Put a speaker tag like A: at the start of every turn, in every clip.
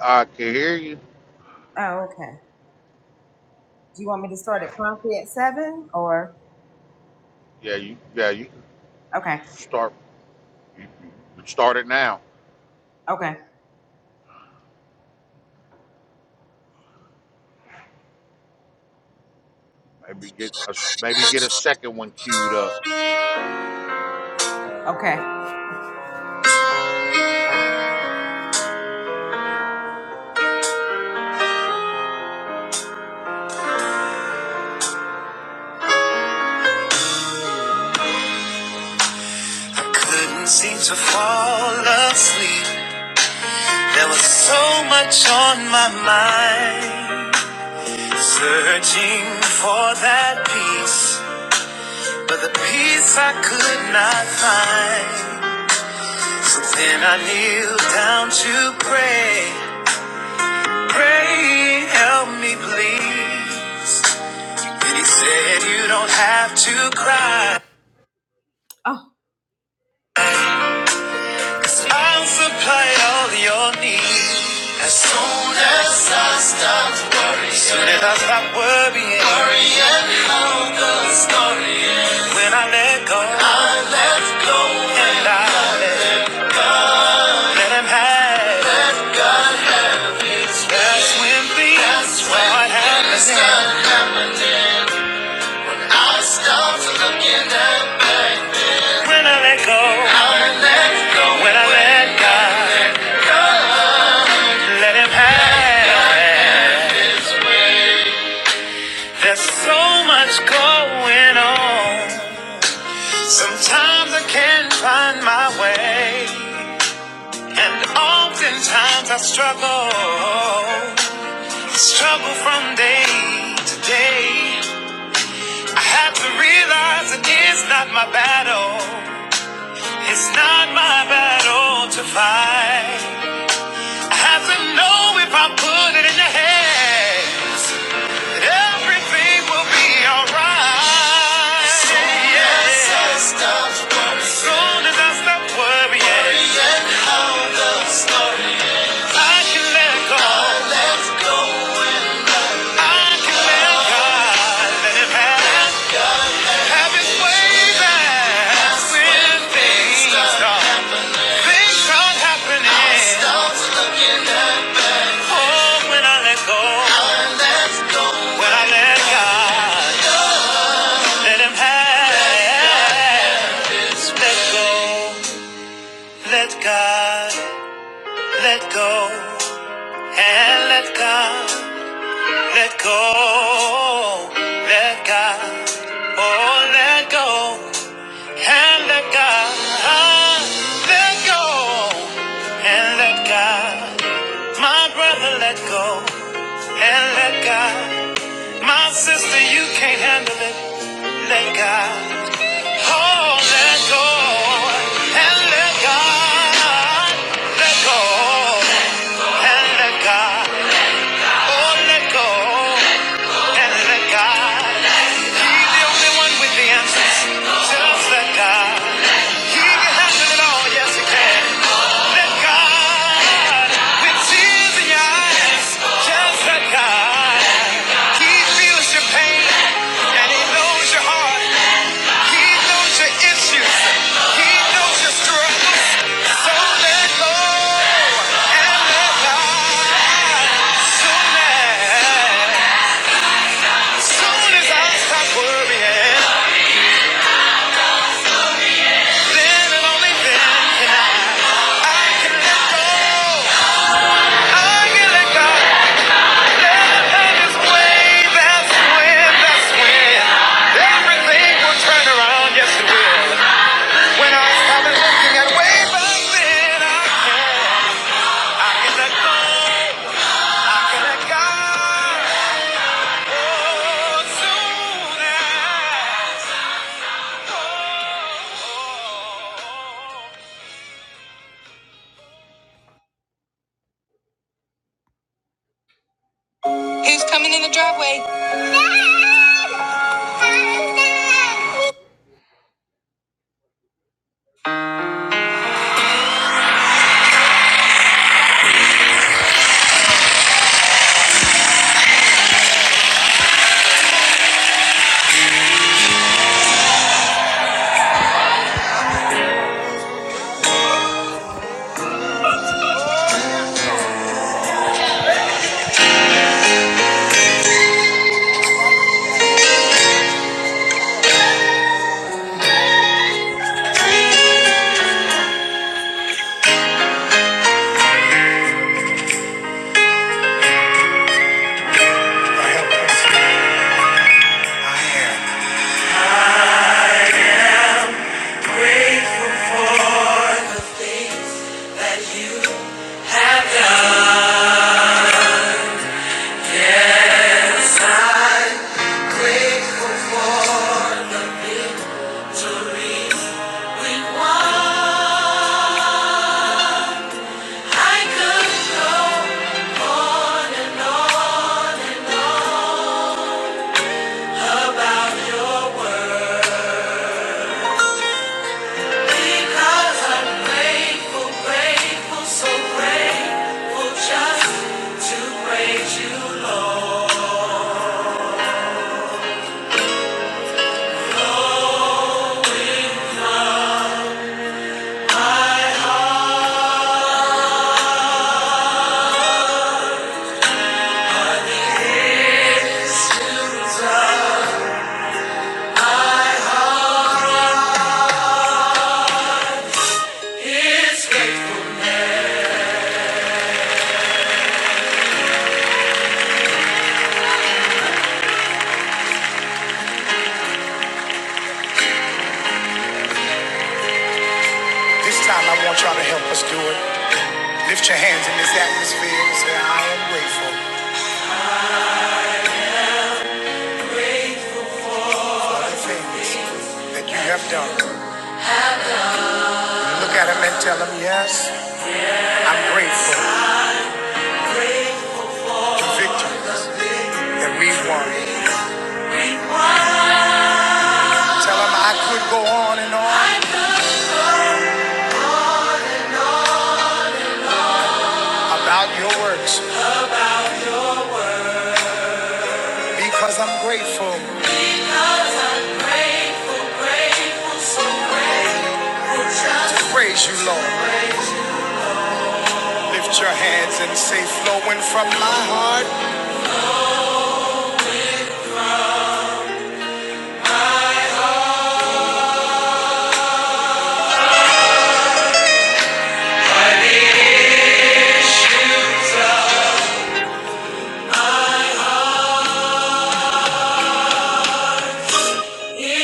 A: I can hear you. Yeah, you. Yeah, you can start. You can start it now. Maybe get a s- maybe get a second one queued up.
B: Couldn't seem to fall asleep. There was so much on my mind. Searching for that peace, but the peace I could not find. So then I kneeled down to pray. Pray, help me please. And he said, You don't have to cry. Cause I'll supply all your needs. As soon as I stop worrying. Soon as I stop worrying. Worrying how the story ends. When I let go. I let go. And I let, let him have. Let God have his way. That's when things That's when start things happening. start happening. When I stop looking at back then. When I let go. I let go. When I let God. Let him have his way. There's so much going on. Sometimes I can't find my way. And oftentimes I struggle. Struggle from day to day. I have to realize it is not my battle. It's not my battle to fight. I have to know if I put it in the hands. Everything will be alright. Yes, yes, as I stop worrying, I can let go. I let go and I can let God let it have, have His way back when things stop. Things start happening. I start looking at Oh, when I let go. I let go. When I let God. Let him have. Let go. Let God. Let go. And let God. Let go. Let God. Oh, let go. And let God. Let go. And let God. My brother, let go and let God. My sister, you can't handle it. Let God. Oh, let go and let God. Let go and let God. Oh, let go and the God. He's the only one with the answers. Just let God. He can handle it all. Yes, he can. Let God. With tears in your eyes. Just let God. He feels your pain and he knows your heart. He knows your issues. He knows your struggles. So let go and let God. So let Soon as I stop worrying, then and only then can I, I can let go. I can let go. Let love its way. That's when, that's when everything will turn around. Yes, it will. When I stop looking at way back then, I can, I can let go. I can let go? Oh, soon as. Oh, oh, oh. Who's coming in the driveway? I'm I'm I grateful grateful for for the the things that you have done. I'm grateful for the victories we won. I could go on on on and and about your word. i This time I want y'all to help us do it. Lift your hands in this atmosphere and say, I am grateful for the things that you have done. Look at them and tell them, yes, I'm grateful to victories that we've won. Tell them I could go on and on about your works. Because I'm grateful. Because I'm grateful, grateful, so grateful. Just praise you, Lord. Lift your hands and say, flowing from my heart.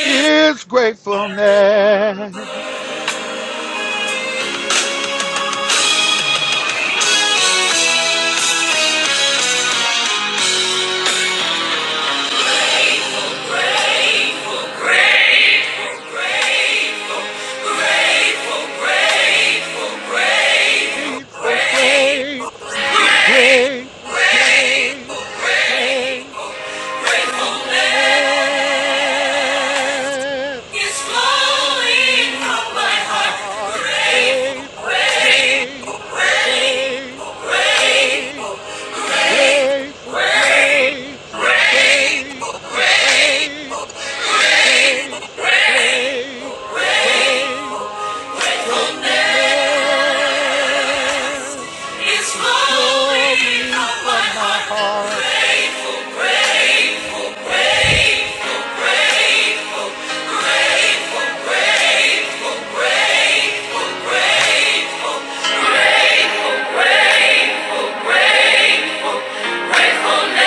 A: It's gratefulness.
B: Grateful, grateful, grateful, grateful,
A: Grateful, grateful, grateful,
B: grateful, grateful,
A: grateful, grateful,
B: grateful, grateful.
A: thankfulness.
B: It's flowing
A: coming
B: from my
A: from my
B: heart.
A: heart.
B: Grateful,
A: Grateful,
B: grateful,
A: grateful,
B: grateful,
A: grateful, grateful,
B: grateful,
A: grateful,
B: grateful,
A: grateful,
B: grateful,
A: grateful, grateful, grateful,
B: grateful,
A: grateful, grateful,
B: gratefulness.
A: gratefulness
B: It's
A: is
B: flowing
A: flowing
B: from my
A: from my
B: heart.
A: heart.
B: Grateful, grateful, grateful, grateful, grateful, grateful, grateful, grateful, grateful. Grateful day.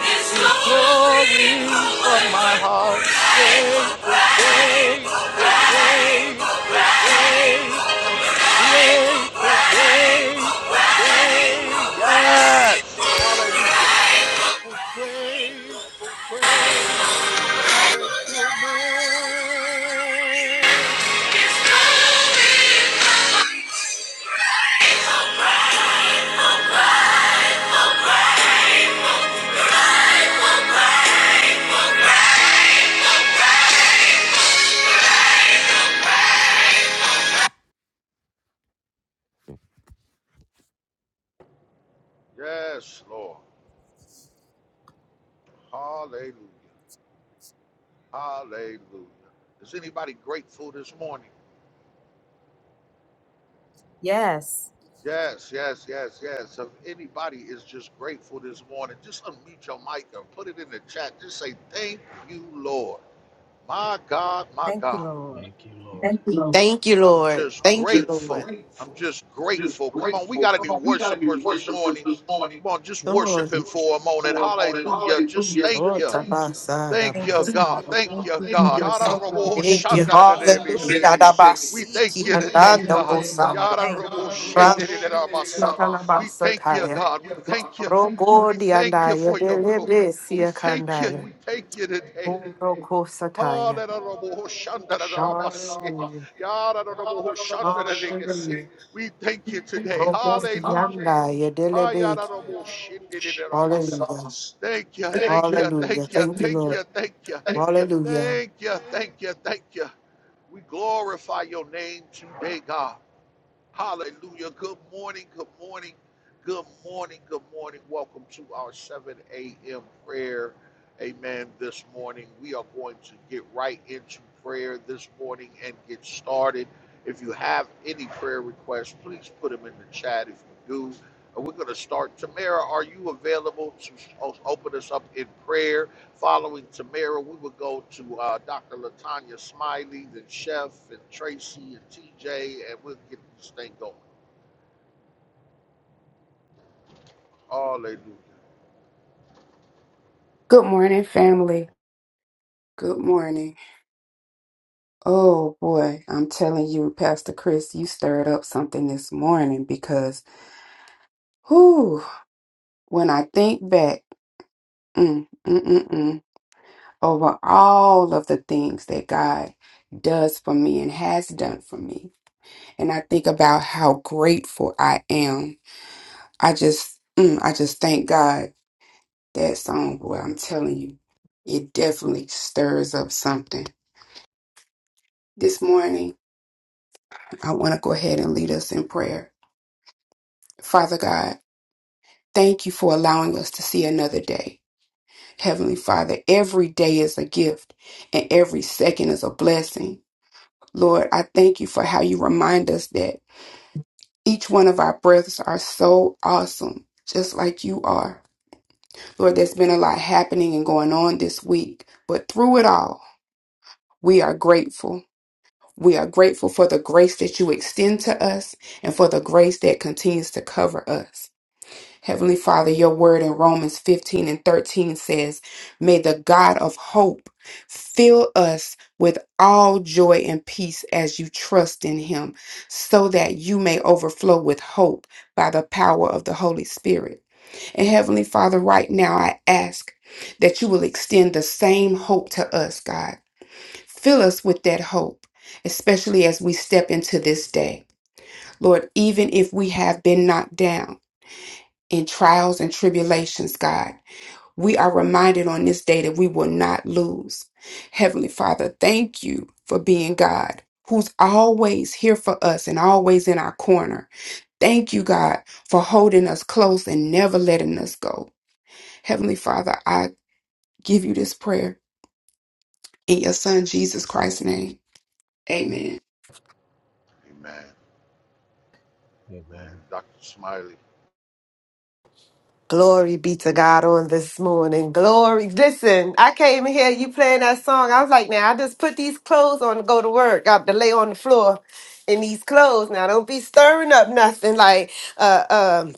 B: It's gonna
A: is flowing from my
B: my
A: heart.
B: way.
A: Grateful, grateful, grateful, grateful, grateful, grateful, grateful. Yes, hallelujah. For grateful, grateful, gratefulness.
B: It's going
A: Yes, Lord. Hallelujah. Hallelujah. Is anybody grateful this morning? Yes, yes, yes, yes. So If anybody is just grateful this morning, just unmute your mic and put it in the chat. Just say, Thank you, Lord. My God, my God.
C: Thank you, Lord.
D: Thank you, Lord. Thank you,
A: I'm
D: Lord.
A: just
D: Thank you, Just Lord.
A: grateful. I'm
D: grateful.
A: just
D: I'm just
A: grateful. Come on, we
D: grateful.
A: got
D: Come
A: any
D: on. we gotta be
A: worshipers this
D: worshipers
A: morning?
D: this morning.
A: Come on, just
D: Come Come on, on.
A: worship
D: just
A: Him for a
D: worship Him
A: moment.
D: for a moment.
A: Hallelujah. Just
D: Hallelujah.
A: thank
D: Oh,
A: you.
D: Tabasa, Tabasa.
A: Thank you,
D: dabasa. Thank you,
A: God. Thank
D: Lord.
A: you,
D: Thank
A: God.
D: you. God. Thank you. Hallelujah.
A: We
D: Dabasiki, We thank you,
A: thank you today,
D: andando today, God.
A: God.
D: gozando. God, Ramoko We
A: We
D: chitanabasa
A: thank you,
D: taya. Thank
A: God. We
D: you, God. Thank
A: thank
D: you,
A: you.
D: Rogo,
A: We thank you
D: Diandaya,
A: for your glory.
D: Belebe,
A: We thank you.
D: Siakandaya.
A: We thank you today.
D: Orokosataya. Hallelujah. Hallelujah.
A: We thank you today. Hallelujah.
D: Rokosianda yedelebeki. Hallelujah.
A: Thank you, thank you,
D: Hallelujah.
A: thank you,
D: Thank you,
A: thank
D: Lord.
A: you, thank you.
D: Hallelujah.
A: Thank you, thank you, thank you. We glorify your name today, God. Hallelujah. Good morning, good morning, good morning, good morning. Welcome to our 7 a.m. prayer. Amen. This morning, we are going to get right into prayer this morning and get started. If you have any prayer requests, please put them in the chat if you do. And we're going to start. Tamara, are you available to o- open us up in prayer? Following Tamara, we would go to uh, Dr. Latanya Smiley, then Chef, and Tracy, and TJ, and we'll get this thing going. Hallelujah.
E: Good morning, family. Good morning. Oh boy, I'm telling you, Pastor Chris, you stirred up something this morning because, whew, when I think back mm, mm, mm, mm, over all of the things that God does for me and has done for me, and I think about how grateful I am, I just, mm, I just thank God that song. Boy, I'm telling you, it definitely stirs up something this morning. I want to go ahead and lead us in prayer. Father God, thank you for allowing us to see another day. Heavenly Father, every day is a gift and every second is a blessing. Lord, I thank you for how you remind us that each one of our breaths are so awesome, just like you are. Lord, there's been a lot happening and going on this week, but through it all, we are grateful. We are grateful for the grace that you extend to us and for the grace that continues to cover us. Heavenly Father, your word in Romans 15 and 13 says, May the God of hope fill us with all joy and peace as you trust in him, so that you may overflow with hope by the power of the Holy Spirit. And Heavenly Father, right now I ask that you will extend the same hope to us, God. Fill us with that hope, especially as we step into this day. Lord, even if we have been knocked down, in trials and tribulations, God. We are reminded on this day that we will not lose. Heavenly Father, thank you for being God. Who's always here for us and always in our corner. Thank you, God, for holding us close and never letting us go. Heavenly Father, I give you this prayer in your Son, Jesus Christ's name. Amen.
A: Amen. And
C: Amen.
A: Dr. Smiley.
D: Glory be to God on this morning. Glory. Listen, I came here, you playing that song. I was like, now I just put these clothes on to go to work. Got to lay on the floor in these clothes. Now don't be stirring up nothing like uh um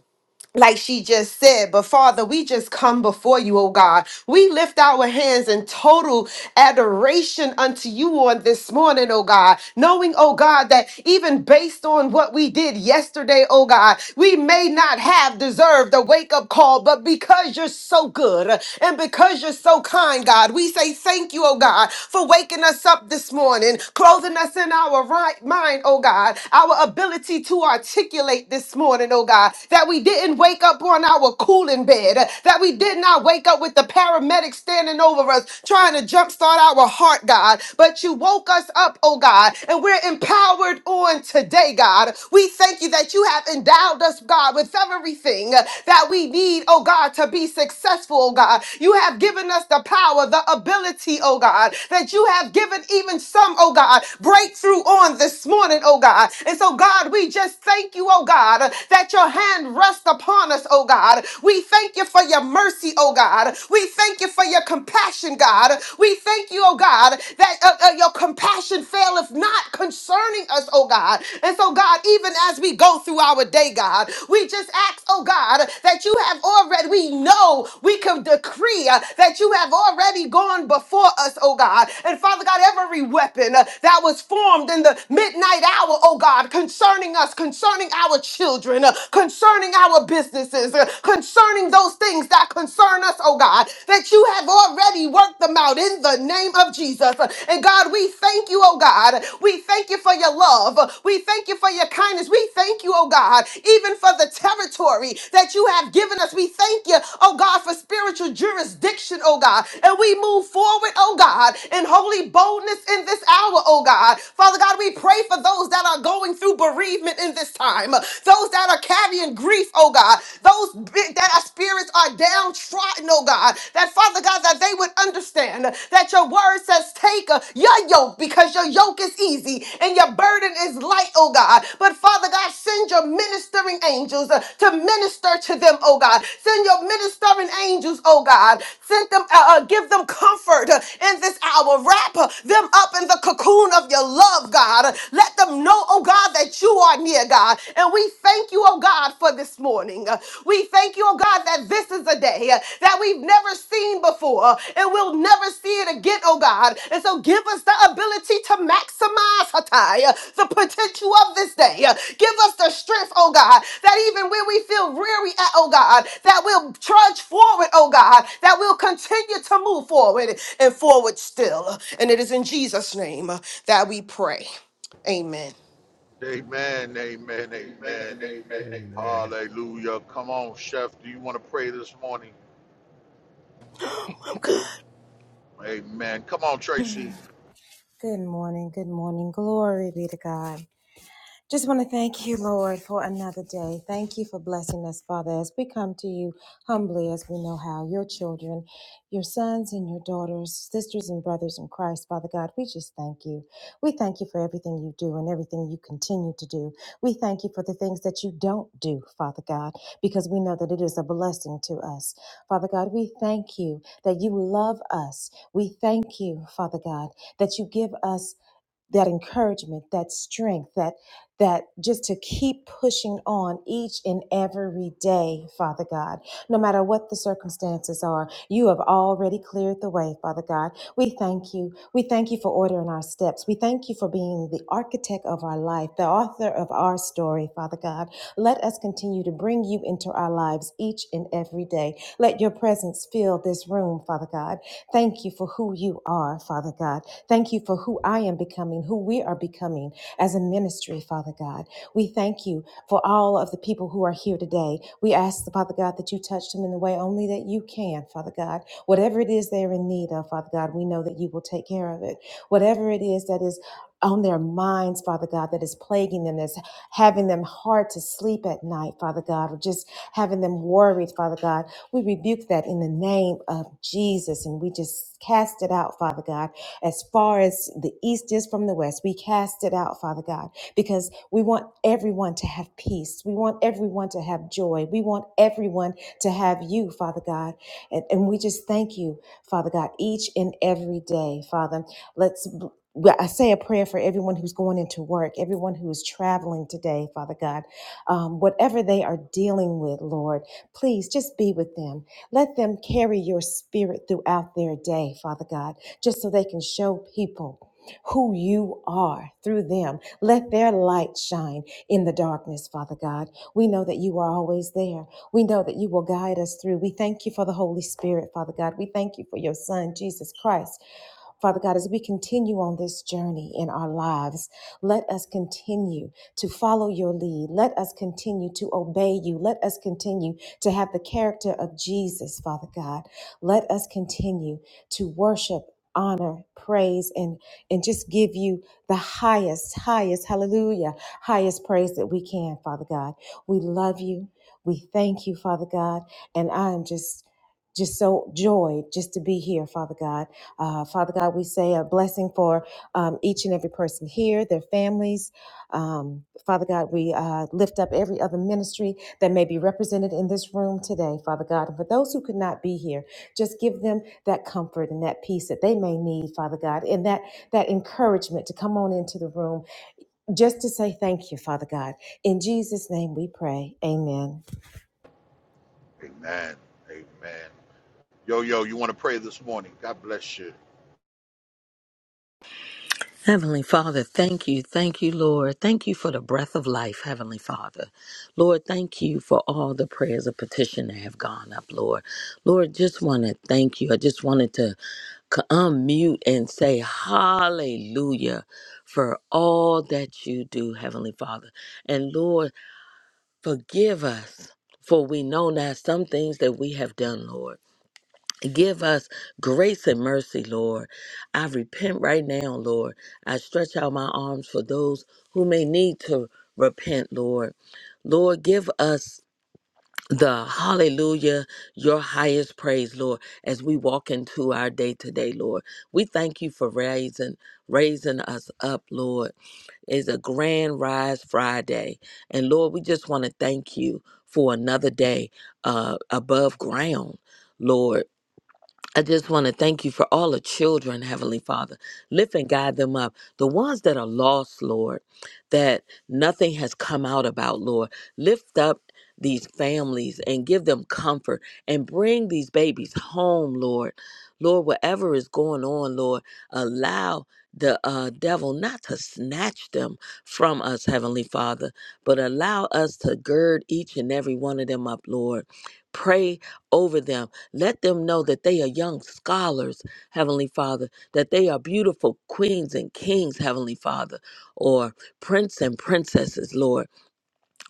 D: like she just said. But Father, we just come before you, oh God. We lift our hands in total adoration unto you on this morning, oh God, knowing, oh God, that even based on what we did yesterday, oh God, we may not have deserved a wake up call, but because you're so good and because you're so kind, God, we say thank you, oh God, for waking us up this morning, clothing us in our right mind, oh God, our ability to articulate this morning, oh God, God, that we didn't wake up on our cooling bed, uh, that we did not wake up with the paramedic standing over us trying to jumpstart our heart, God. But you woke us up, oh God, and we're empowered on today, God. We thank you that you have endowed us, God, with everything uh, that we need, oh God, to be successful, oh God. You have given us the power, the ability, oh God, that you have given even some, oh God, breakthrough on this morning, oh God. And so, God, we just thank you, oh God. God, that your hand rests upon us, oh God. We thank you for your mercy, oh God. We thank you for your compassion, God. We thank you, oh God, that uh, uh, your compassion faileth not concerning us, oh God. And so, God, even as we go through our day, God, we just ask, oh God, that you have already, we know we can decree uh, that you have already gone before us, oh God. And Father God, every weapon uh, that was formed in the midnight hour, oh God, concerning us, concerning our children, uh, concerning our businesses, uh, concerning those things that concern us, oh God, that you have already worked them out in the name of Jesus. Uh, And God, we thank you, oh God. We thank you for your love. Uh, We thank you for your kindness. We thank you, oh God, even for the territory that you have given us. We thank you, oh God, for spiritual jurisdiction, oh God. And we move forward, oh God, in holy boldness in this hour, oh God. Father God, we pray for those that are going through through bereavement in this time, those that are carrying grief, oh God, those big, that our spirits are downtrodden, oh God, that Father God, that they would understand that your word says, take uh, your yoke because your yoke is easy and your burden is light, oh God. But Father God, send your ministering angels uh, to minister to them, oh God. Send your ministering angels, oh God. Send them, uh, uh, give them comfort uh, in this hour. Wrap uh, them up in the cocoon of your love, God. Let them Know, oh God, that you are near, God. And we thank you, oh God, for this morning. Uh, We thank you, oh God, that this is a day uh, that we've never seen before uh, and we'll never see it again, oh God. And so give us the ability to maximize Hatai, uh, the potential of this day. Uh, Give us the strength, oh God, that even when we feel weary at, oh God, that we'll trudge forward, oh God, that we'll continue to move forward and forward still. And it is in Jesus' name uh, that we pray. Amen.
A: Amen. Amen.
D: Amen,
A: Amen.
D: amen, amen.
C: Amen.
A: Hallelujah. Come on, Chef. Do you want to pray this morning?
F: I'm
A: Amen. Come on, Tracy. Amen. Amen. Yo, yo, you want to pray this morning? God bless you.
G: Heavenly Father, thank you. Thank you, Lord. Thank you for the breath of life, Heavenly Father. Lord, thank you for all the prayers of petition that have gone up, Lord. Lord, just want to thank you. I just wanted to c- unmute and say hallelujah for all that you do, Heavenly Father. And Lord, forgive us, for we know now some things that we have done, Lord. Give us grace and mercy, Lord. I repent right now, Lord. I stretch out my arms for those who may need to repent, Lord. Lord, give us the hallelujah, your highest praise, Lord, as we walk into our day today, Lord. We thank you for raising raising us up, Lord. It's a grand rise Friday. And Lord, we just want to thank you for another day uh above ground, Lord. I just want to thank you for all the children, Heavenly Father. Lift and guide them up. The ones that are lost, Lord, that nothing has come out about, Lord. Lift up these families and give them comfort and bring these babies home, Lord. Lord, whatever is going on, Lord, allow the uh, devil not to snatch them from us, Heavenly Father, but allow us to gird each and every one of them up, Lord. Pray over them let them know that they are young scholars, Heavenly Father, that they are beautiful queens and kings, Heavenly Father, or prince and princesses, Lord.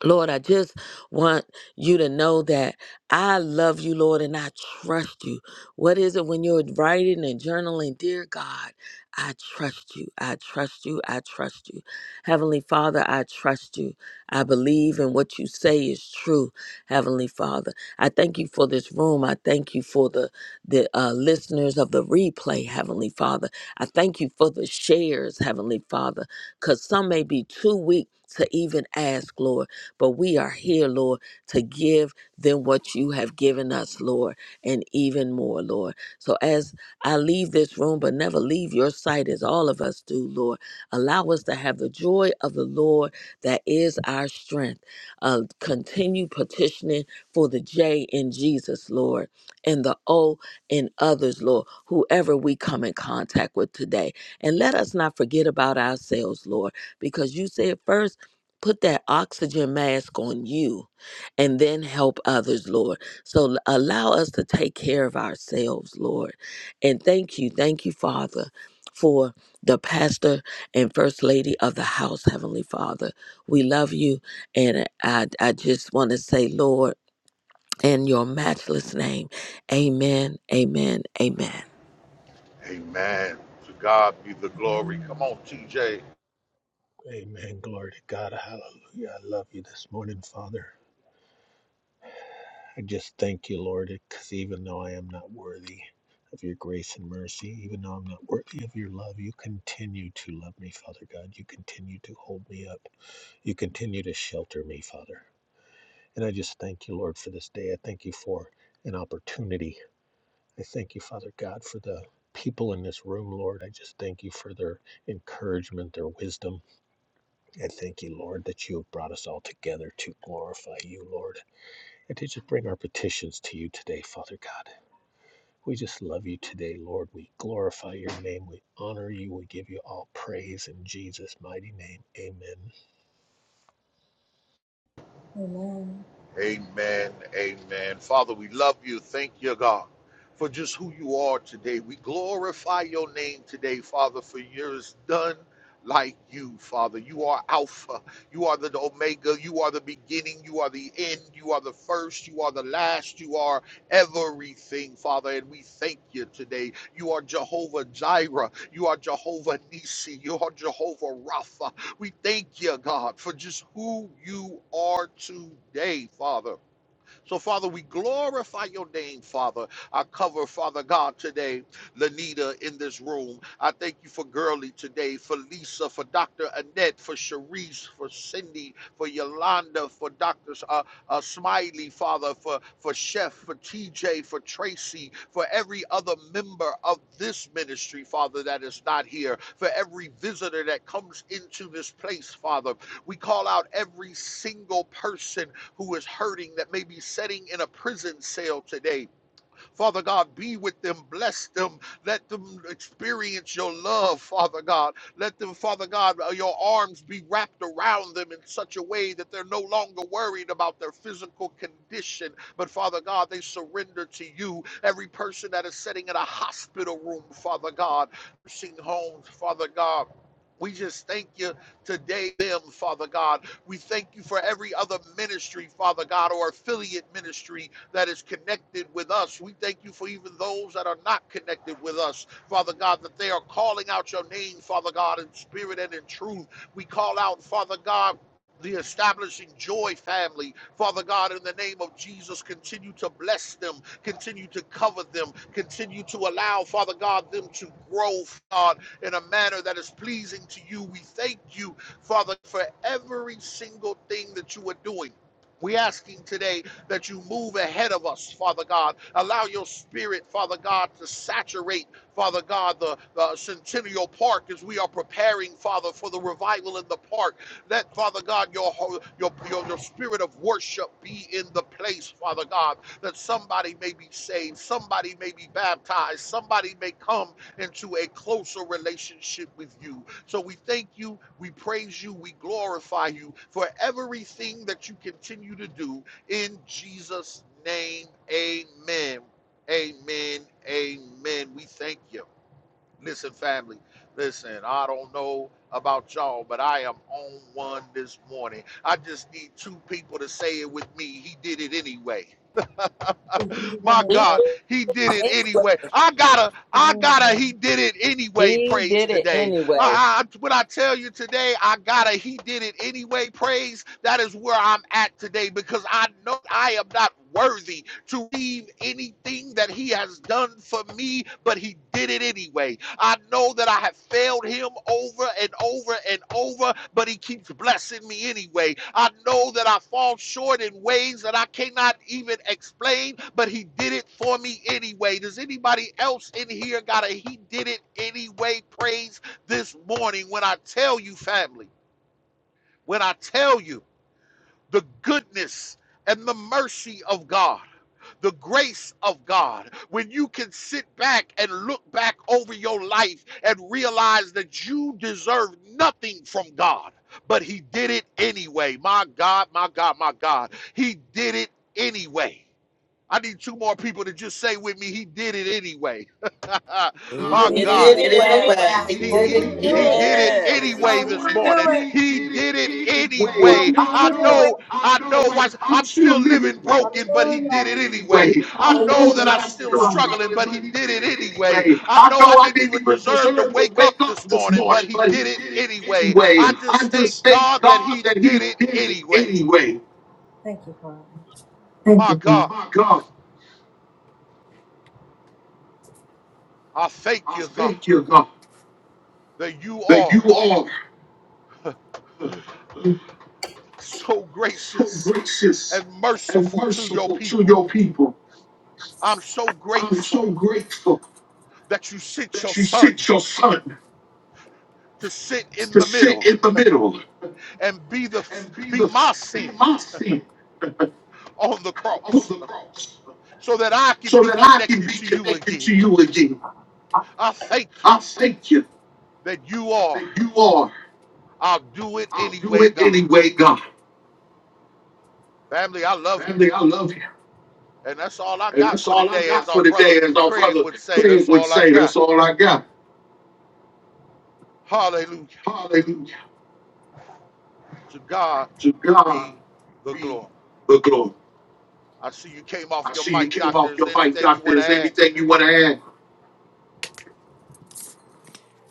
G: Lord, I just want you to know that I love you, Lord, and I trust you. What is it when you're writing and journaling? Dear God, I trust you. I trust you. I trust you. Heavenly Father, I trust you. I believe in what you say is true, Heavenly Father. I thank you for this room. I thank you for the, the uh, listeners of the replay, Heavenly Father. I thank you for the shares, Heavenly Father, because some may be too weak to even ask, Lord. But we are here, Lord, to give them what you have given us, Lord, and even more, Lord. So as I leave this room, but never leave your sight as all of us do, Lord, allow us to have the joy of the Lord that is our strength. Uh, continue petitioning for the J in Jesus, Lord, and the O in others, Lord, whoever we come in contact with today. And let us not forget about ourselves, Lord, because you said first put that oxygen mask on you and then help others, Lord. So l- allow us to take care of ourselves, Lord. And thank you, thank you, Father, for the pastor and first lady of the house, Heavenly Father. We love you. And I, I just want to say, Lord, in your matchless name, amen, amen, amen.
A: Amen. To God be the glory. Come on, TJ.
C: Amen. Glory to God. Hallelujah. I love you this morning, Father. I just thank you, Lord, because even though I am not worthy of your grace and mercy, even though I'm not worthy of your love, you continue to love me, Father God. You continue to hold me up. You continue to shelter me, Father. And I just thank you, Lord, for this day. I thank you for an opportunity. I thank you, Father God, for the people in this room, Lord. I just thank you for their encouragement, their wisdom. I thank you, Lord, that you have brought us all together to glorify you, Lord, and to just bring our petitions to you today, Father God. We just love you today, Lord. We glorify your name. We honor you. We give you all praise in Jesus' mighty name. Amen.
A: Amen. Amen. Father, we love you. Thank you, God, for just who you are today. We glorify your name today, Father, for yours done like you, Father. You are Alpha. You are the Omega. You are the beginning. You are the end. You are the first. You are the last. You are everything, Father. And we thank you today. You are Jehovah Jireh. You are Jehovah Nissi. You are Jehovah Rapha. We thank you, God, for just who you are today, Father. So, Father, we glorify your name, Father. I cover, Father God, today, Lanita in this room. I thank you for Girly today, for Lisa, for Dr. Annette, for Sharice, for Cindy, for Yolanda, for Dr. Uh, uh, Smiley, Father, for, for Chef, for TJ, for Tracy, for every other member of this ministry, Father, that is not here, for every visitor that comes into this place, Father. We call out every single person who is hurting that may be sitting in a prison cell today. Father God, be with them, bless them, let them experience your love, Father God. Let them, Father God, uh, your arms be wrapped around them in such a way that they're no longer worried about their physical condition, but Father God, they surrender to you. Every person that is sitting in a hospital room, Father God, nursing homes, Father God. We just thank you today, them, Father God. We thank you for every other ministry, Father God, or affiliate ministry that is connected with us. We thank you for even those that are not connected with us, Father God, that they are calling out your name, Father God, in spirit and in truth. We call out, Father God, the establishing joy family. Father God, in the name of Jesus, continue to bless them, continue to cover them, continue to allow, Father God, them to grow, God, in a manner that is pleasing to you. We thank you Father, for every single thing that you are doing. We asking today that you move ahead of us, Father God. Allow your spirit, Father God, to saturate, Father God, the, the Centennial Park as we are preparing, Father, for the revival in the park. Let, Father God, your, your, your, your spirit of worship be in the place, Father God, that somebody may be saved, somebody may be baptized, somebody may come into a closer relationship with you. So we thank you, we praise you, we glorify you for everything that you continue to do in Jesus' name. Amen. Amen. Amen. We thank you. Listen, family, listen, I don't know about y'all, but I am on one this morning. I just need two people to say it with me. He did it anyway. My God, he did it anyway. I gotta, I gotta, he did it anyway.
G: He
A: Praise
G: did it.
A: today.
G: anyway.
A: I, I, when I tell you today, I gotta, he did it anyway. Praise. That is where I'm at today because I know I am not worthy to leave anything that he has done for me, but he did it anyway. I know that I have failed him over and over and over, but he keeps blessing me anyway. I know that I fall short in ways that I cannot even explain, but he did it for me anyway. Does anybody else in here got a he did it anyway praise this morning when I tell you, family, when I tell you the goodness and the mercy of God? the grace of God, when you can sit back and look back over your life and realize that you deserve nothing from God, but He did it anyway. My God, my God, my God, He did it anyway. I need two more people to just say with me, He did it anyway.
G: He did
A: my
G: it anyway. He
D: God
G: did it
A: God.
G: anyway.
C: You
A: He,
C: did it
A: he,
D: did
A: he
C: anyway.
D: it
A: did it
G: Yes.
D: anyway this
A: anyway this
D: morning.
A: morning.
D: He
A: He
D: did it
A: did it
D: anyway.
A: anyway.
D: I
A: I
D: know,
A: know,
D: I
A: I
D: know,
A: know
D: watch,
A: watch,
D: I'm
A: I'm
D: still
A: still
D: living
A: living broken,
D: broken,
A: but
D: but
A: he
D: he did
A: did it
D: it anyway.
A: anyway. I
D: I
A: know
D: know
A: that
D: that
A: I'm
D: I'm
A: still
D: still
A: struggling,
D: struggling,
A: but he
D: but he
A: did
D: did
A: it
D: it
A: anyway.
D: anyway.
A: I
D: I
A: know I
D: know I
A: didn't
D: didn't
A: even
D: even
A: deserve to
D: deserve to
A: wake up
D: wake up
A: this
D: this
A: morning, but
D: morning,
A: he
D: but he
A: did it
D: did it
A: anyway.
D: anyway.
A: I
D: I
A: just thank
D: just thank
A: God that
D: God
A: he
D: that
A: did
D: he
A: it
D: did it
A: anyway.
D: anyway.
A: My God,
D: My God,
A: I thank
D: I
A: you, God,
D: thank you, God,
A: that you
D: that
A: are
D: you are.
A: so
D: so
A: gracious
D: gracious
A: and
D: and
A: merciful to your
D: merciful to
A: people.
D: your people.
A: I'm so
D: I'm
A: grateful.
D: so grateful
A: that you sent your
D: that you
A: son
D: sent your son
A: to sit in
D: to
A: the
D: sit
A: middle
D: in the middle
A: and be the
D: and be
A: be
D: the
A: my
D: be
A: sin
D: my sin
A: on the
D: on
A: cross
D: the cross
A: so that I can
D: so
A: be
D: that I can
A: connected
D: be
A: to you
D: connected
A: again.
D: to you again.
A: I thank you
D: I thank you
A: that you are.
D: that you are.
A: I'll do it
D: I'll do
A: anyway,
D: it
A: God.
D: anyway, God.
A: Family, I love
D: Family, I love you.
A: you. And that's all I
D: And
A: got
D: that's
A: for
D: all I
A: today,
D: got
A: as
D: for
A: our brother
D: today, as our
A: Craig
D: brother
A: would say,
D: Craig
A: that's
D: would
A: all I
D: say. That's
A: got.
D: all I got.
A: Hallelujah.
D: Hallelujah.
A: To God
D: To God
A: be the
D: be
A: glory.
D: the glory.
A: I see you came off
D: I
A: your
D: see you
A: mic,
D: came
A: doctor.
D: off
A: Is
D: your
A: there
D: mic,
A: anything you
D: doctor.
A: want to
D: Is there
A: add?
D: anything you want to add?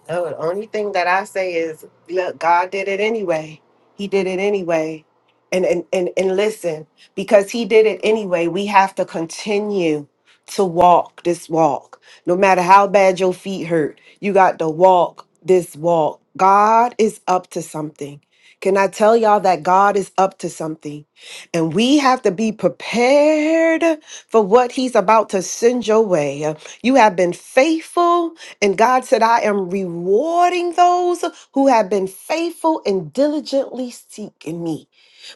D: No, the only thing that I say is, look, God did it anyway. He did it anyway. And and and, and listen, because he did it anyway, we have to continue to walk this walk. No matter how bad your feet hurt, you got to walk this walk. God is up to something. Can I tell y'all that God is up to something? And we have to be prepared for what He's about to send your way. You have been faithful and God said, I am rewarding those who have been faithful and diligently seeking me.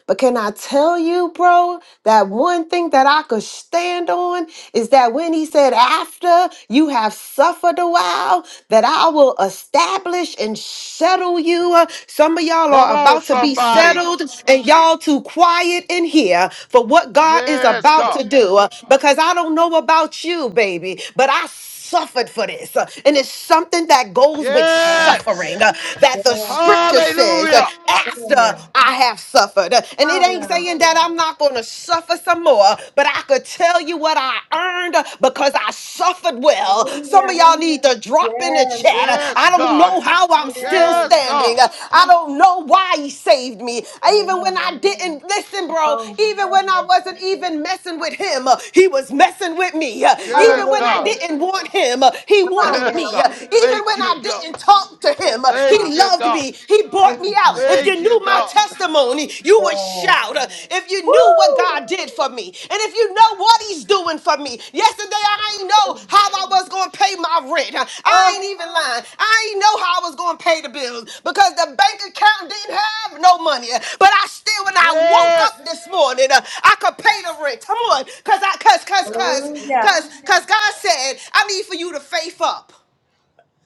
D: But can I tell you, bro, that one thing that I could stand on is that when he said, After you have suffered a while, that I will establish and settle you. Uh, Some of y'all
A: Come
D: are
A: on,
D: about to be
A: somebody.
D: settled, and y'all too quiet in here for what God is
A: Yes,
D: about
A: God.
D: to do. uh, Because I don't know about you, baby, but I suffered for this. Uh, And it's something that goes with
A: Yes.
D: suffering uh, that the scripture says, uh,
A: Hallelujah.
D: after I have suffered. Uh, And it ain't saying that I'm not going to suffer some more, but I could tell you what I earned uh, because I suffered well. Some of y'all need to drop in the chat. uh,
A: Yes,
D: I don't
A: God.
D: know how I'm still
A: Yes,
D: standing.
A: God.
D: Uh, I don't know why he saved me. Even when I didn't listen, bro, even when I wasn't even messing with him, uh, he was messing with me. Uh, Even
A: Yes,
D: when I
A: God.
D: didn't want him, uh, he wanted
A: Yes,
D: me. Uh,
A: God.
D: Even
A: Thank
D: when
A: you,
D: I
A: God.
D: didn't talk to him, uh, he
A: Thank you,
D: loved
A: God.
D: me. He brought me out. If you
A: Thank you,
D: knew my
A: God.
D: testimony, you would shout. Uh, If you knew what God did for me, and if you know what he's doing for me, yesterday I ain't know how I was going to pay my rent. I ain't even lying. I ain't know how I was going to pay the bills because the bank account didn't have no money. But I still, when I woke
A: Yes.
D: up this morning, uh, I could pay the rent. Come on, cause I, cause, cause,
A: Yeah.
D: cause, cause, cause God said, I need for you to faith up.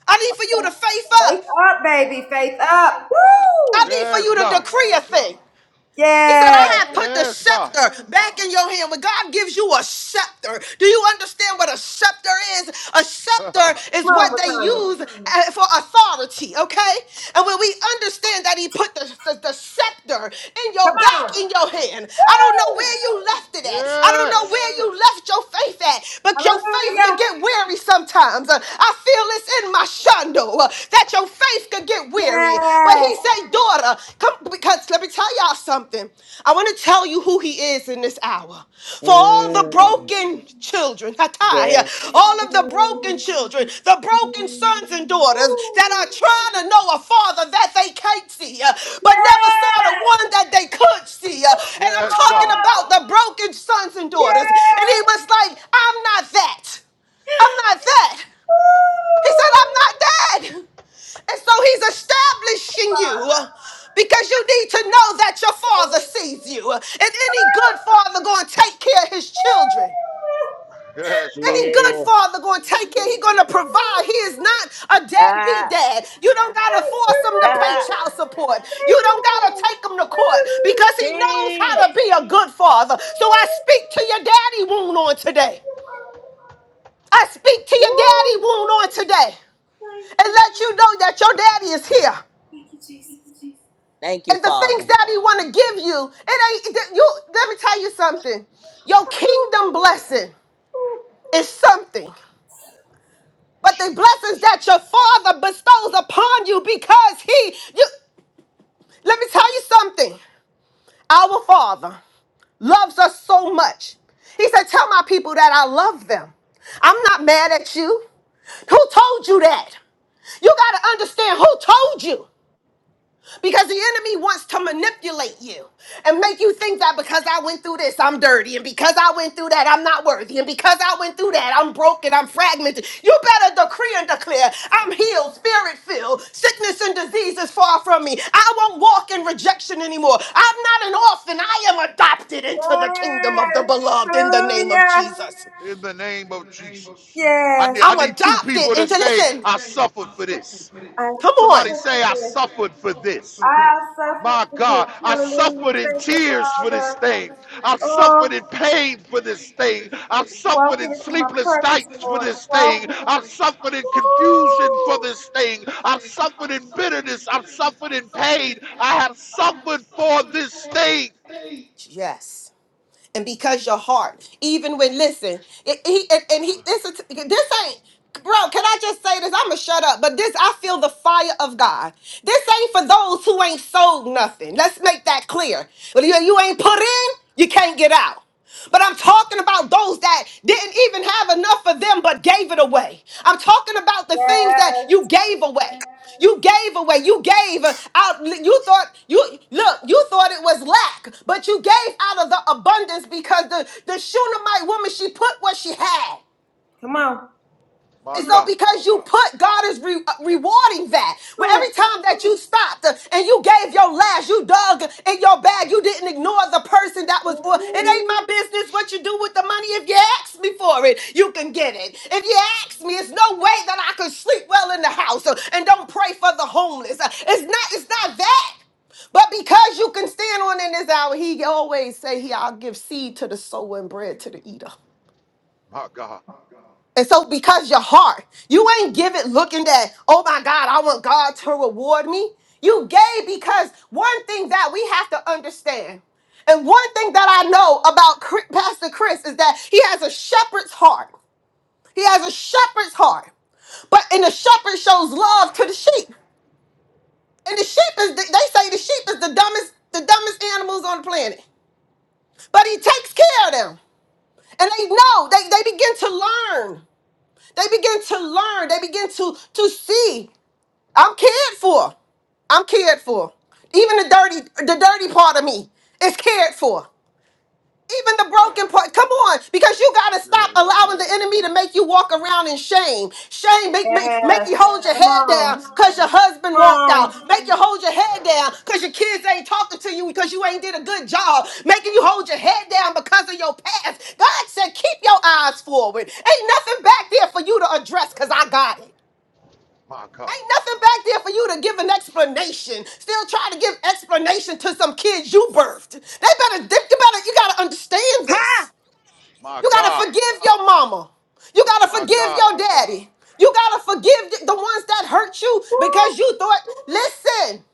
D: I need for you to faith up. I need for
A: Yes,
D: you to
A: God.
D: decree a thing. He said, I have put the
A: Yes, God.
D: scepter back in your hand. When God gives you a scepter, do you understand what a scepter is? A scepter is what they use uh, for authority, okay? And when we understand that He put the, the, the scepter in your back, in your hand, I don't know where you left it at. I don't know
A: yes.
D: where you left your faith at, but your faith can get weary sometimes. Uh, I feel it's in my shando uh, that your faith faith could get weary. But he said, daughter, come because let me tell y'all something. I want to tell you who he is in this hour. For all the
G: Mm,
D: broken children, Hatai, all of the broken children, the broken sons and daughters that are trying to know a father that they can't see, uh, but never saw the one that they could see. uh, And I'm
A: Yes,
D: talking
A: God.
D: about the broken sons and daughters. And he was like, I'm not that. I'm not that. He said, I'm not dead. And so he's establishing you because you need to know that your father sees you. And any good father going to take care of his children.
A: Yes, God.
D: Any good
G: Yes.
D: father going to take care. He going to provide. He is not a deadbeat
G: Ah,
D: dad. You don't got to force him to pay
G: ah,
D: child support. You don't got to take him to court because he knows
G: see.
D: how to be a good father. So I speak to your daddy wound on today. I speak to your daddy wound on today and let you know that your daddy is here.
G: Thank you.
D: And the things that he want to give you, it ain't th- you. Let me tell you something. Your kingdom blessing is something, but the blessings
A: Jesus.
D: that your father bestows upon you because he you. Let me tell you something. Our father loves us so much. He said, "Tell my people that I love them. I'm not mad at you. Who told you that? You got to understand who told you. Because the enemy wants to manipulate you and make you think that because I went through this, I'm dirty. And because I went through that, I'm not worthy. And because I went through that, I'm broken. I'm fragmented. You better decree and declare I'm healed, spirit filled. Sickness and disease is far from me. I won't walk in rejection anymore. I'm not an orphan. I am adopted into the kingdom of the beloved in the name of Jesus.
A: In the name of Jesus. I need, I
D: I'm
A: need two
D: adopted
A: people to
D: into
A: say,
D: listen.
A: I suffered for this.
D: Come on.
A: Somebody say, I suffered for this. My God, I suffered in tears for this thing. I've suffered in pain for this thing. I've suffered in sleepless nights for this thing. I've suffered in confusion for this thing. I've suffered in bitterness. I've suffered in pain. I have suffered for this thing.
D: Yes and because your heart, even when listen, it, he and, and he this is this ain't bro. Can I just say this? I'ma shut up. But this, I feel the fire of God. This ain't for those who ain't sold nothing. Let's make that clear. When you, you ain't put in, you can't get out. But I'm talking about those that didn't even have enough for them but gave it away. I'm talking about the things that you gave away. You gave away. You gave out. You thought you look. You thought it was lack, but you gave out of the abundance because the the Shunammite woman she put what she had.
A: My
D: And so
A: God,
D: because you put, God is re- uh, rewarding that. Where every time that you stopped uh, and you gave your last, you dug in your bag, you didn't ignore the person that was, or it ain't my business what you do with the money. If you ask me for it, you can get it. If you ask me, it's no way that I could sleep well in the house uh, and don't pray for the homeless. Uh, It's not, it's not that. But because you can stand on in this hour, he always say, he, I'll give seed to the sower and bread to the eater.
A: my God,
D: And so, because your heart, you ain't give it looking that, oh my God, I want God to reward me. You gave because one thing that we have to understand, and one thing that I know about Chri- Pastor Chris is that he has a shepherd's heart. He has a shepherd's heart. But and the shepherd shows love to the sheep. And the sheep is the, they say the sheep is the dumbest, the dumbest animals on the planet. But he takes care of them. And they know, they, they begin to learn. They begin to learn. They begin to to see. I'm cared for. I'm cared for. Even the dirty, the dirty part of me is cared for even the broken part. Come on, because you got to stop
A: yes, God,
D: allowing the enemy to make you walk around in shame. Shame make, make, make you hold your head down because your husband walked out. Make you hold your head down because your kids ain't talking to you because you ain't did a good job. Making you hold your head down because of your past. God said, keep your eyes forward. Ain't nothing back there for you to address because I got it.
A: my God,
D: Ain't nothing back there for you to give an explanation. Still trying to give explanation to some kids you birthed. They better, they better, you gotta understand this.
A: my
D: You gotta
A: God,
D: forgive your mama. You gotta
A: my
D: forgive
A: God,
D: your daddy. You gotta forgive the the ones that hurt you because you thought, listen.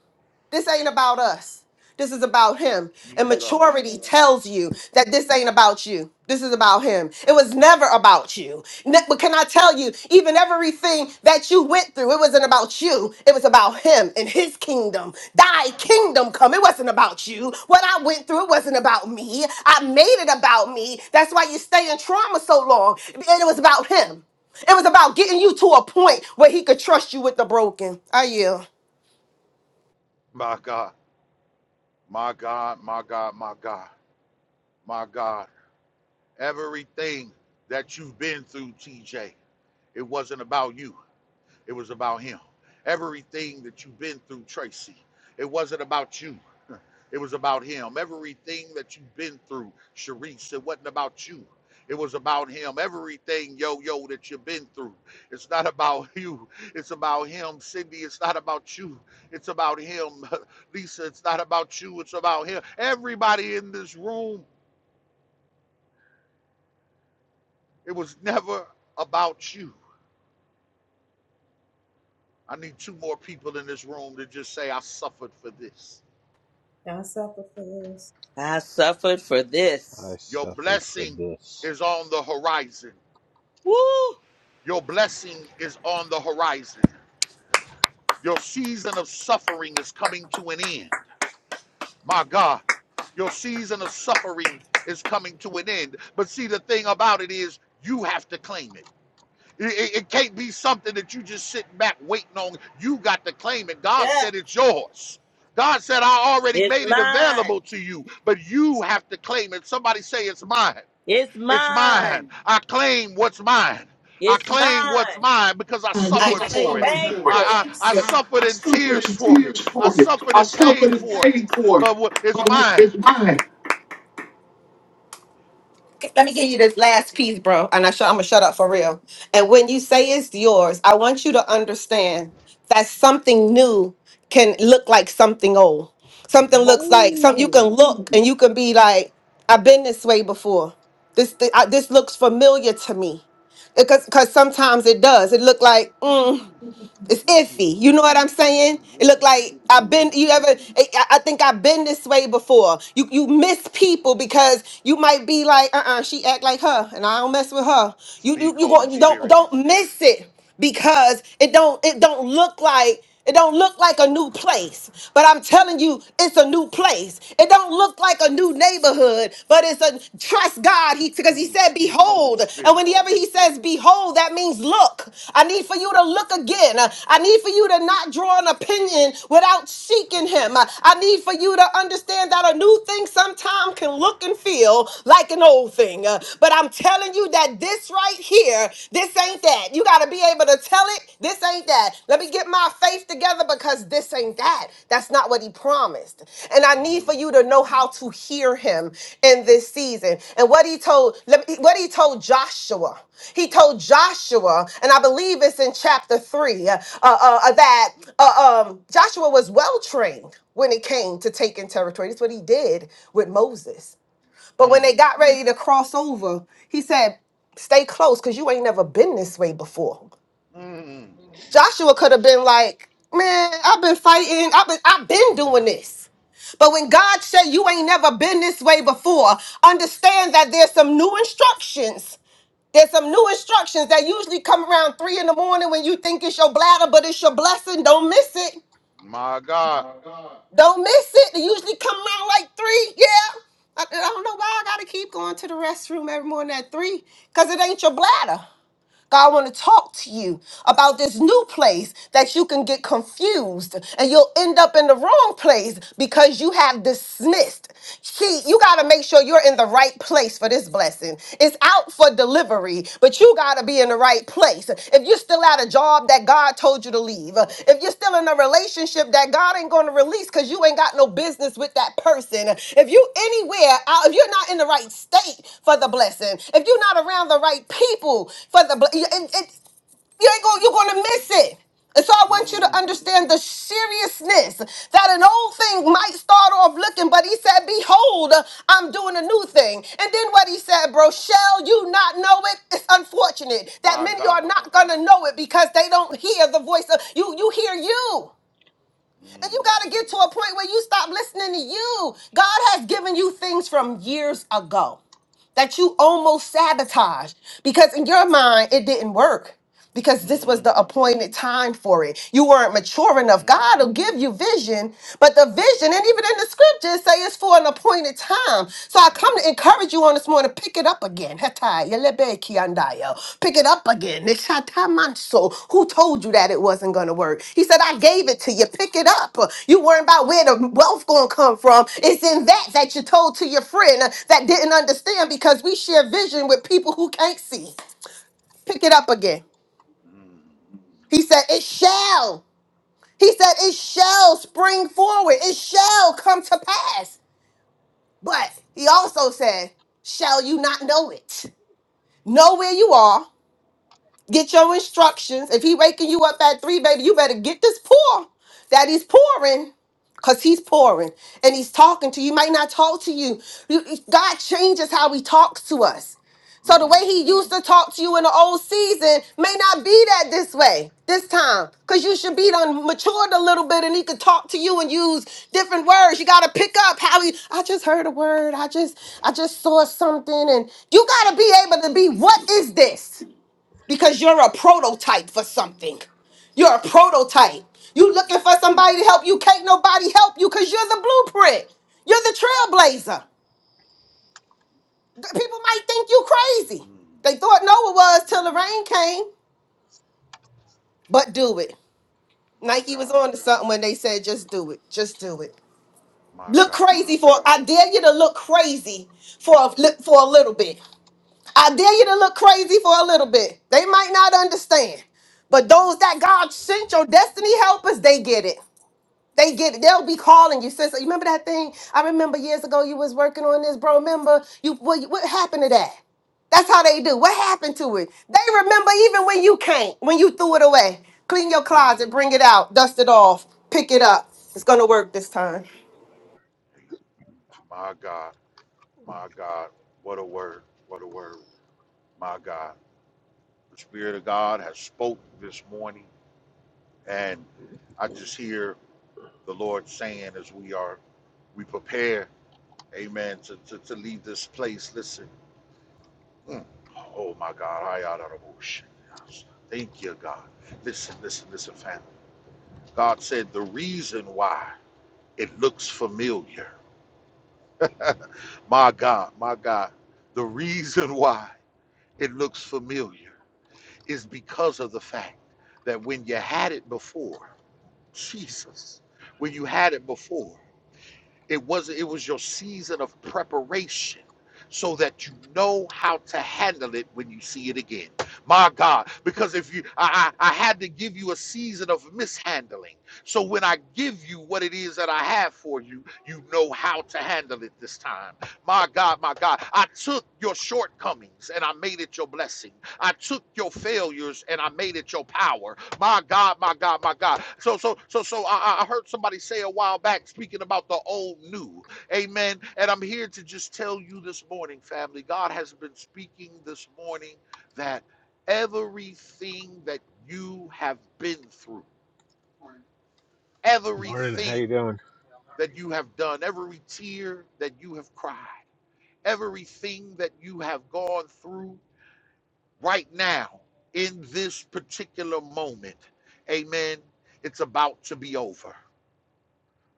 D: This ain't about us. This is about him. And
A: Jesus,
D: maturity tells you that this ain't about you. This is about him. It was never about you. Ne- but can I tell you, even everything that you went through, it wasn't about you. It was about him and his kingdom. Thy kingdom come. It wasn't about you. What I went through, it wasn't about me. I made it about me. That's why you stay in trauma so long. And it was about him. It was about getting you to a point where he could trust you with the broken. I yield.
A: my God, my God, my God, my God, my God. Everything that you've been through, TJ, it wasn't about you. It was about him. Everything that you've been through, Tracy, it wasn't about you. It was about him. Everything that you've been through, Sharice, it wasn't about you. It was about him. Everything, yo, yo, that you've been through, it's not about you. It's about him. Cindy, it's not about you. It's about him. Lisa, it's not about you. It's about him. Everybody in this room, it was never about you. I need two more people in this room to just say, I suffered for this.
G: I suffered for
C: I
G: this.
A: Your
C: suffered for
A: blessing
C: this.
A: is on the horizon.
G: Woo!
A: Your blessing is on the horizon. Your season of suffering is coming to an end. My God, your season of suffering is coming to an end. But see, the thing about it is, you have to claim it. It, it- can't be something that you just sitting back waiting on. You got to claim it. God
G: Yeah.
A: said it's yours. God said, I already
G: It's
A: made it
G: mine.
A: available to you, but you have to claim it. Somebody say, It's mine.
G: It's
A: It's mine.
G: mine.
A: I claim what's mine. I
G: It's
A: claim what's
G: mine.
A: mine because I
D: I
A: suffered
D: because
A: for
D: claim my
A: it.
G: Thank
D: suffered
G: you.
A: I,
D: yes.
A: I, I
D: I,
A: suffered
D: I,
A: in
D: suffered
A: tears
D: in
A: for it.
D: tears
A: I
D: for it.
A: suffered
D: I
A: in pain
D: suffered in
A: for it.
D: pain for it.
A: But it's
D: But what-
A: mine.
D: it's mine. Let me give you this last piece, bro, and I sh- I'm gonna shut up for real. And when you say it's yours, I want you to understand that something new can look like something old. Something looks like something you can
A: Ooh,
D: look and you can be like, I've been this way before. This thi- I, this looks familiar to me, because because sometimes it does. It look like. mm, it's iffy. You know what I'm saying? It
A: ooh,
D: look like I've been.
A: ooh.
D: You ever? I I think I've been this way before. You you miss people because you might be like, uh, uh she act like her, and I don't mess with her. You you
A: Speak,
D: you go,
A: Holy
D: you don't
A: Spirit.
D: don't miss it because it don't it don't look like. It don't look like a new place, but I'm telling you, it's a new place. It don't look like a new neighborhood, but it's a trust God. He because he
A: Ooh,
D: said,
A: speak, Holy
D: "Behold," and
A: Spirit.
D: whenever he says, "Behold," that means look. I need for you to look again. I need for you to not draw an opinion without seeking Him. I need for you to understand that a new thing sometimes can look and feel like an old thing, but I'm telling you that this right here here. This ain't that. You got to be able to tell it. This ain't that. Let me get my faith together because this ain't that. That's not what he promised. And I need
A: Mm,
D: for you to know how to hear him in this season. And what he told, let me- what he told Joshua, he told Joshua, and I believe it's in chapter three, uh, uh, uh, that uh, um, Joshua was well trained when it came to taking territory. That's what he did with Moses. But when
A: mm,
D: they got ready to cross over, he said, Stay close because you ain't never been this way before.
A: mm.
D: Joshua could have been like, Man, I've been fighting, I've been, I've been doing this. But when God said you ain't never been this way before, understand that there's some new instructions. There's some new instructions that usually come around three in the morning when you think it's your bladder, but it's your blessing. Don't miss it.
A: My God.
D: My God. Don't miss it. They usually come out like three. Yeah. I, I don't know why I gotta keep going to the restroom every morning at three, because it ain't your bladder. God want to talk to you about this new place that you can get confused and you'll end up in the wrong place because you have dismissed. See, you got to make sure you're in the right place for this blessing. It's out for delivery, but you got to be in the right place place, if you're still at a job that God told you to leave, if you're still in a relationship that God ain't going to release because you ain't got no business with that person, if you anywhere, out, if you're not in the right state for the blessing, if you're not around the right people for the blessing, you ain't going you're gonna miss it and so i want you to
A: Mm,
D: understand the seriousness that an old thing might start off looking but he said behold i'm doing a new thing and then what he said bro shall you not know it it's unfortunate that
A: my
D: many are
A: God.
D: not gonna know it because they don't hear the voice of you you hear you and
A: Mm,
D: you got to get to a point where you stop listening to you. God has given you things from years ago that you almost sabotage because in your mind it didn't work because this was
A: mm,
D: the appointed time for it. You weren't mature enough.
A: mm,
D: God will give you vision, but the vision, and even in the scriptures, say it's for an appointed time. So I
A: mm,
D: come to encourage you on this morning, pick it up again. Yelebeki andaya. Pick it up again. Nishatamanso. Who told you that it wasn't going to work? He said, I gave it to you. Pick it up. You worrying about where the wealth going to come from. It's in that that you told to your friend uh, that didn't understand because we share vision with people who can't see. Pick it up again.
A: mm,
D: He said, It shall. He said, It shall spring forward. It shall come to pass. But he also said, Shall you not know it? Know where you are. Get your instructions. If he waking you up at three, baby, you better get this pour that he's pouring. Cause he's pouring and he's talking to you. He might not talk to you. You- God changes how he talks to us. So the
A: mm,
D: way he used to talk to you in the old season may not be that this way this time. Cause you should be done matured a little bit and he could talk to you and use different words. You gotta pick up how he I just heard a word. I just I just saw something. And you gotta be able to be, what is this? because you're a prototype for something. You're a prototype. You looking for somebody to help you. Can't nobody help you because you're the blueprint. You're the trailblazer. People might think you crazy.
A: mm.
D: They thought Noah was till the rain came. But do it.
A: My
D: Nike was
A: God.
D: on to something when they said just do it. Just do it.
A: My
D: Look
A: God.
D: crazy for I dare you to look crazy for a, li- for a little bit. I dare you to look crazy for a little bit. They might not understand. But
A: Mm,
D: those that God sent your destiny helpers, they get it. They get it. They'll be calling you. Sister, you remember that thing? I remember years ago you was working on this, bro. Remember you what, what happened to that? That's how they do. What happened to it? They remember even when you can't, when you threw it away. Clean your
A: mm. mm.
D: closet, bring it out, dust it off, pick it up. It's gonna work this time.
A: Hey, My God. My God. What a word. What a word. My God. The Spirit of God has spoke this morning. And I just hear the Lord saying as we are, we prepare, amen, to, to, to leave this place. Listen. Mm. Oh my God, I out of bullshit. Thank you, God. Listen, listen, listen, family. God said the reason why it looks familiar. my God, my God, the reason why it looks familiar is because of the fact that when you had it before, Jesus, when you had it before, It was it was your season of preparation so that you know how to handle it when you see it again. My God, because if you I, I I had to give you a season of mishandling. So when I give you what it is that I have for you, you know how to handle it this time. My God, my God, I took your shortcomings and I made it your blessing. I took your failures and I made it your power. My God, my God, my God. So, so, so, so I, I heard somebody say a while back speaking about the old new. Amen. And I'm here to just tell you this morning, family, God has been speaking this morning that everything that you have been through,
C: Morning, Morning. how you
A: everything
C: doing?
A: that you have done, every tear that you have cried, everything that you have gone through right now in this particular moment, amen, it's about to be over.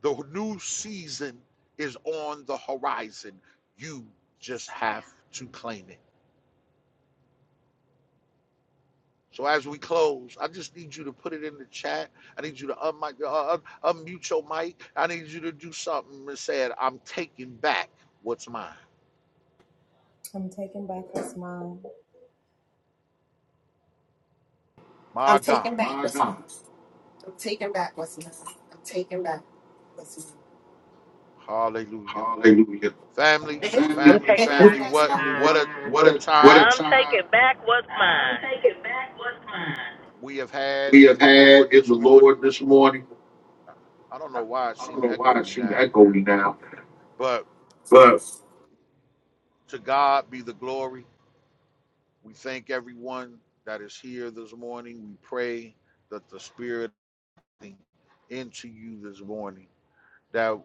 A: The new season is on the horizon. You just have to claim it. So as we close, I just need you to put it in the chat. I need you to unmic, uh, unmute your mic. I need you to do something and say, it, I'm taking back what's mine.
D: I'm
A: My
D: taking
A: God.
D: back My what's God. mine. I'm taking back what's mine. I'm taking back what's
A: Hallelujah.
D: mine. Hallelujah.
A: Family,
D: Family,
H: I'm
A: family,
H: taking back
D: family,
A: family. What
D: family,
H: my time.
A: what
D: what,
A: a what
D: what
A: a
D: a, what a
A: time
G: I'm
D: time
G: taking back what's mine.
A: we have had
D: we have
A: in the
D: had
A: Lord
D: in
A: this
D: the
A: morning.
D: Lord this morning.
A: I don't know why it
D: I
A: seemed
D: don't know why it
A: echoey
D: seems
A: now,
D: echoey now,
A: but
D: but
A: to God be the glory. We thank everyone that is here this morning. We pray that the Spirit into you this morning that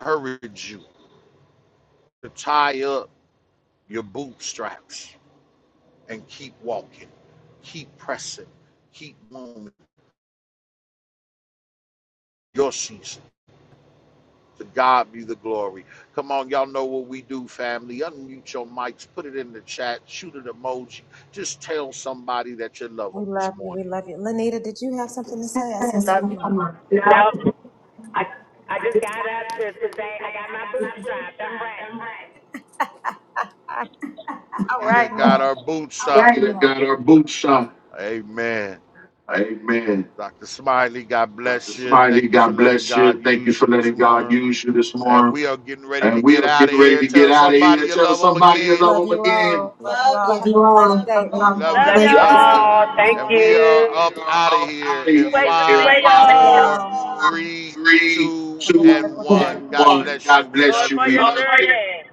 A: encourage you to tie up your bootstraps and keep walking, keep pressing, keep moving your season. To God be the glory. Come on, y'all know what we do, family. Unmute your mics, put it in the chat, shoot an emoji. Just tell somebody that you love them this morning.
H: Nope. I I just got up to, to say I got my bootstrap. I'm ready.
A: We Either got our boots on.
D: we done got our boots on.
A: Amen.
D: Amen.
A: Dr. Smiley, God
D: Dr.
A: bless you.
D: Smiley,
A: Thank you for
D: God
A: letting
D: bless
A: God
D: you. Thank you
A: use
D: for
A: you this
D: letting God
A: morning.
D: use you this
A: And
D: morning.
A: we are getting ready
D: And
A: to
D: we
A: get
D: are
A: out of
D: getting ready
A: here.
D: to get
A: Tell
D: out of
A: somebody
D: here.
A: you
D: Tell
A: love them
D: somebody you
A: again.
D: love them again. Love you. Love you
A: We
D: all. Love
A: love you.
G: Love
H: Love
A: We
H: you
D: you
A: love
G: y'all.
A: you.
H: all.
D: all.
H: Thank
A: And we
H: you.
A: are up
D: are
A: out of
D: up
A: here
D: out of
A: in
G: Can't wait
D: here
G: to
D: in
A: five,
D: five,
G: see y'all.
A: four,
D: four,
A: three,
D: three,
A: two, and
D: two,
A: one.
D: and
A: God
D: one.
A: bless you.
D: God
A: We
G: Going
D: bless
A: love
D: you.
G: for
D: We
A: you.
G: your journey.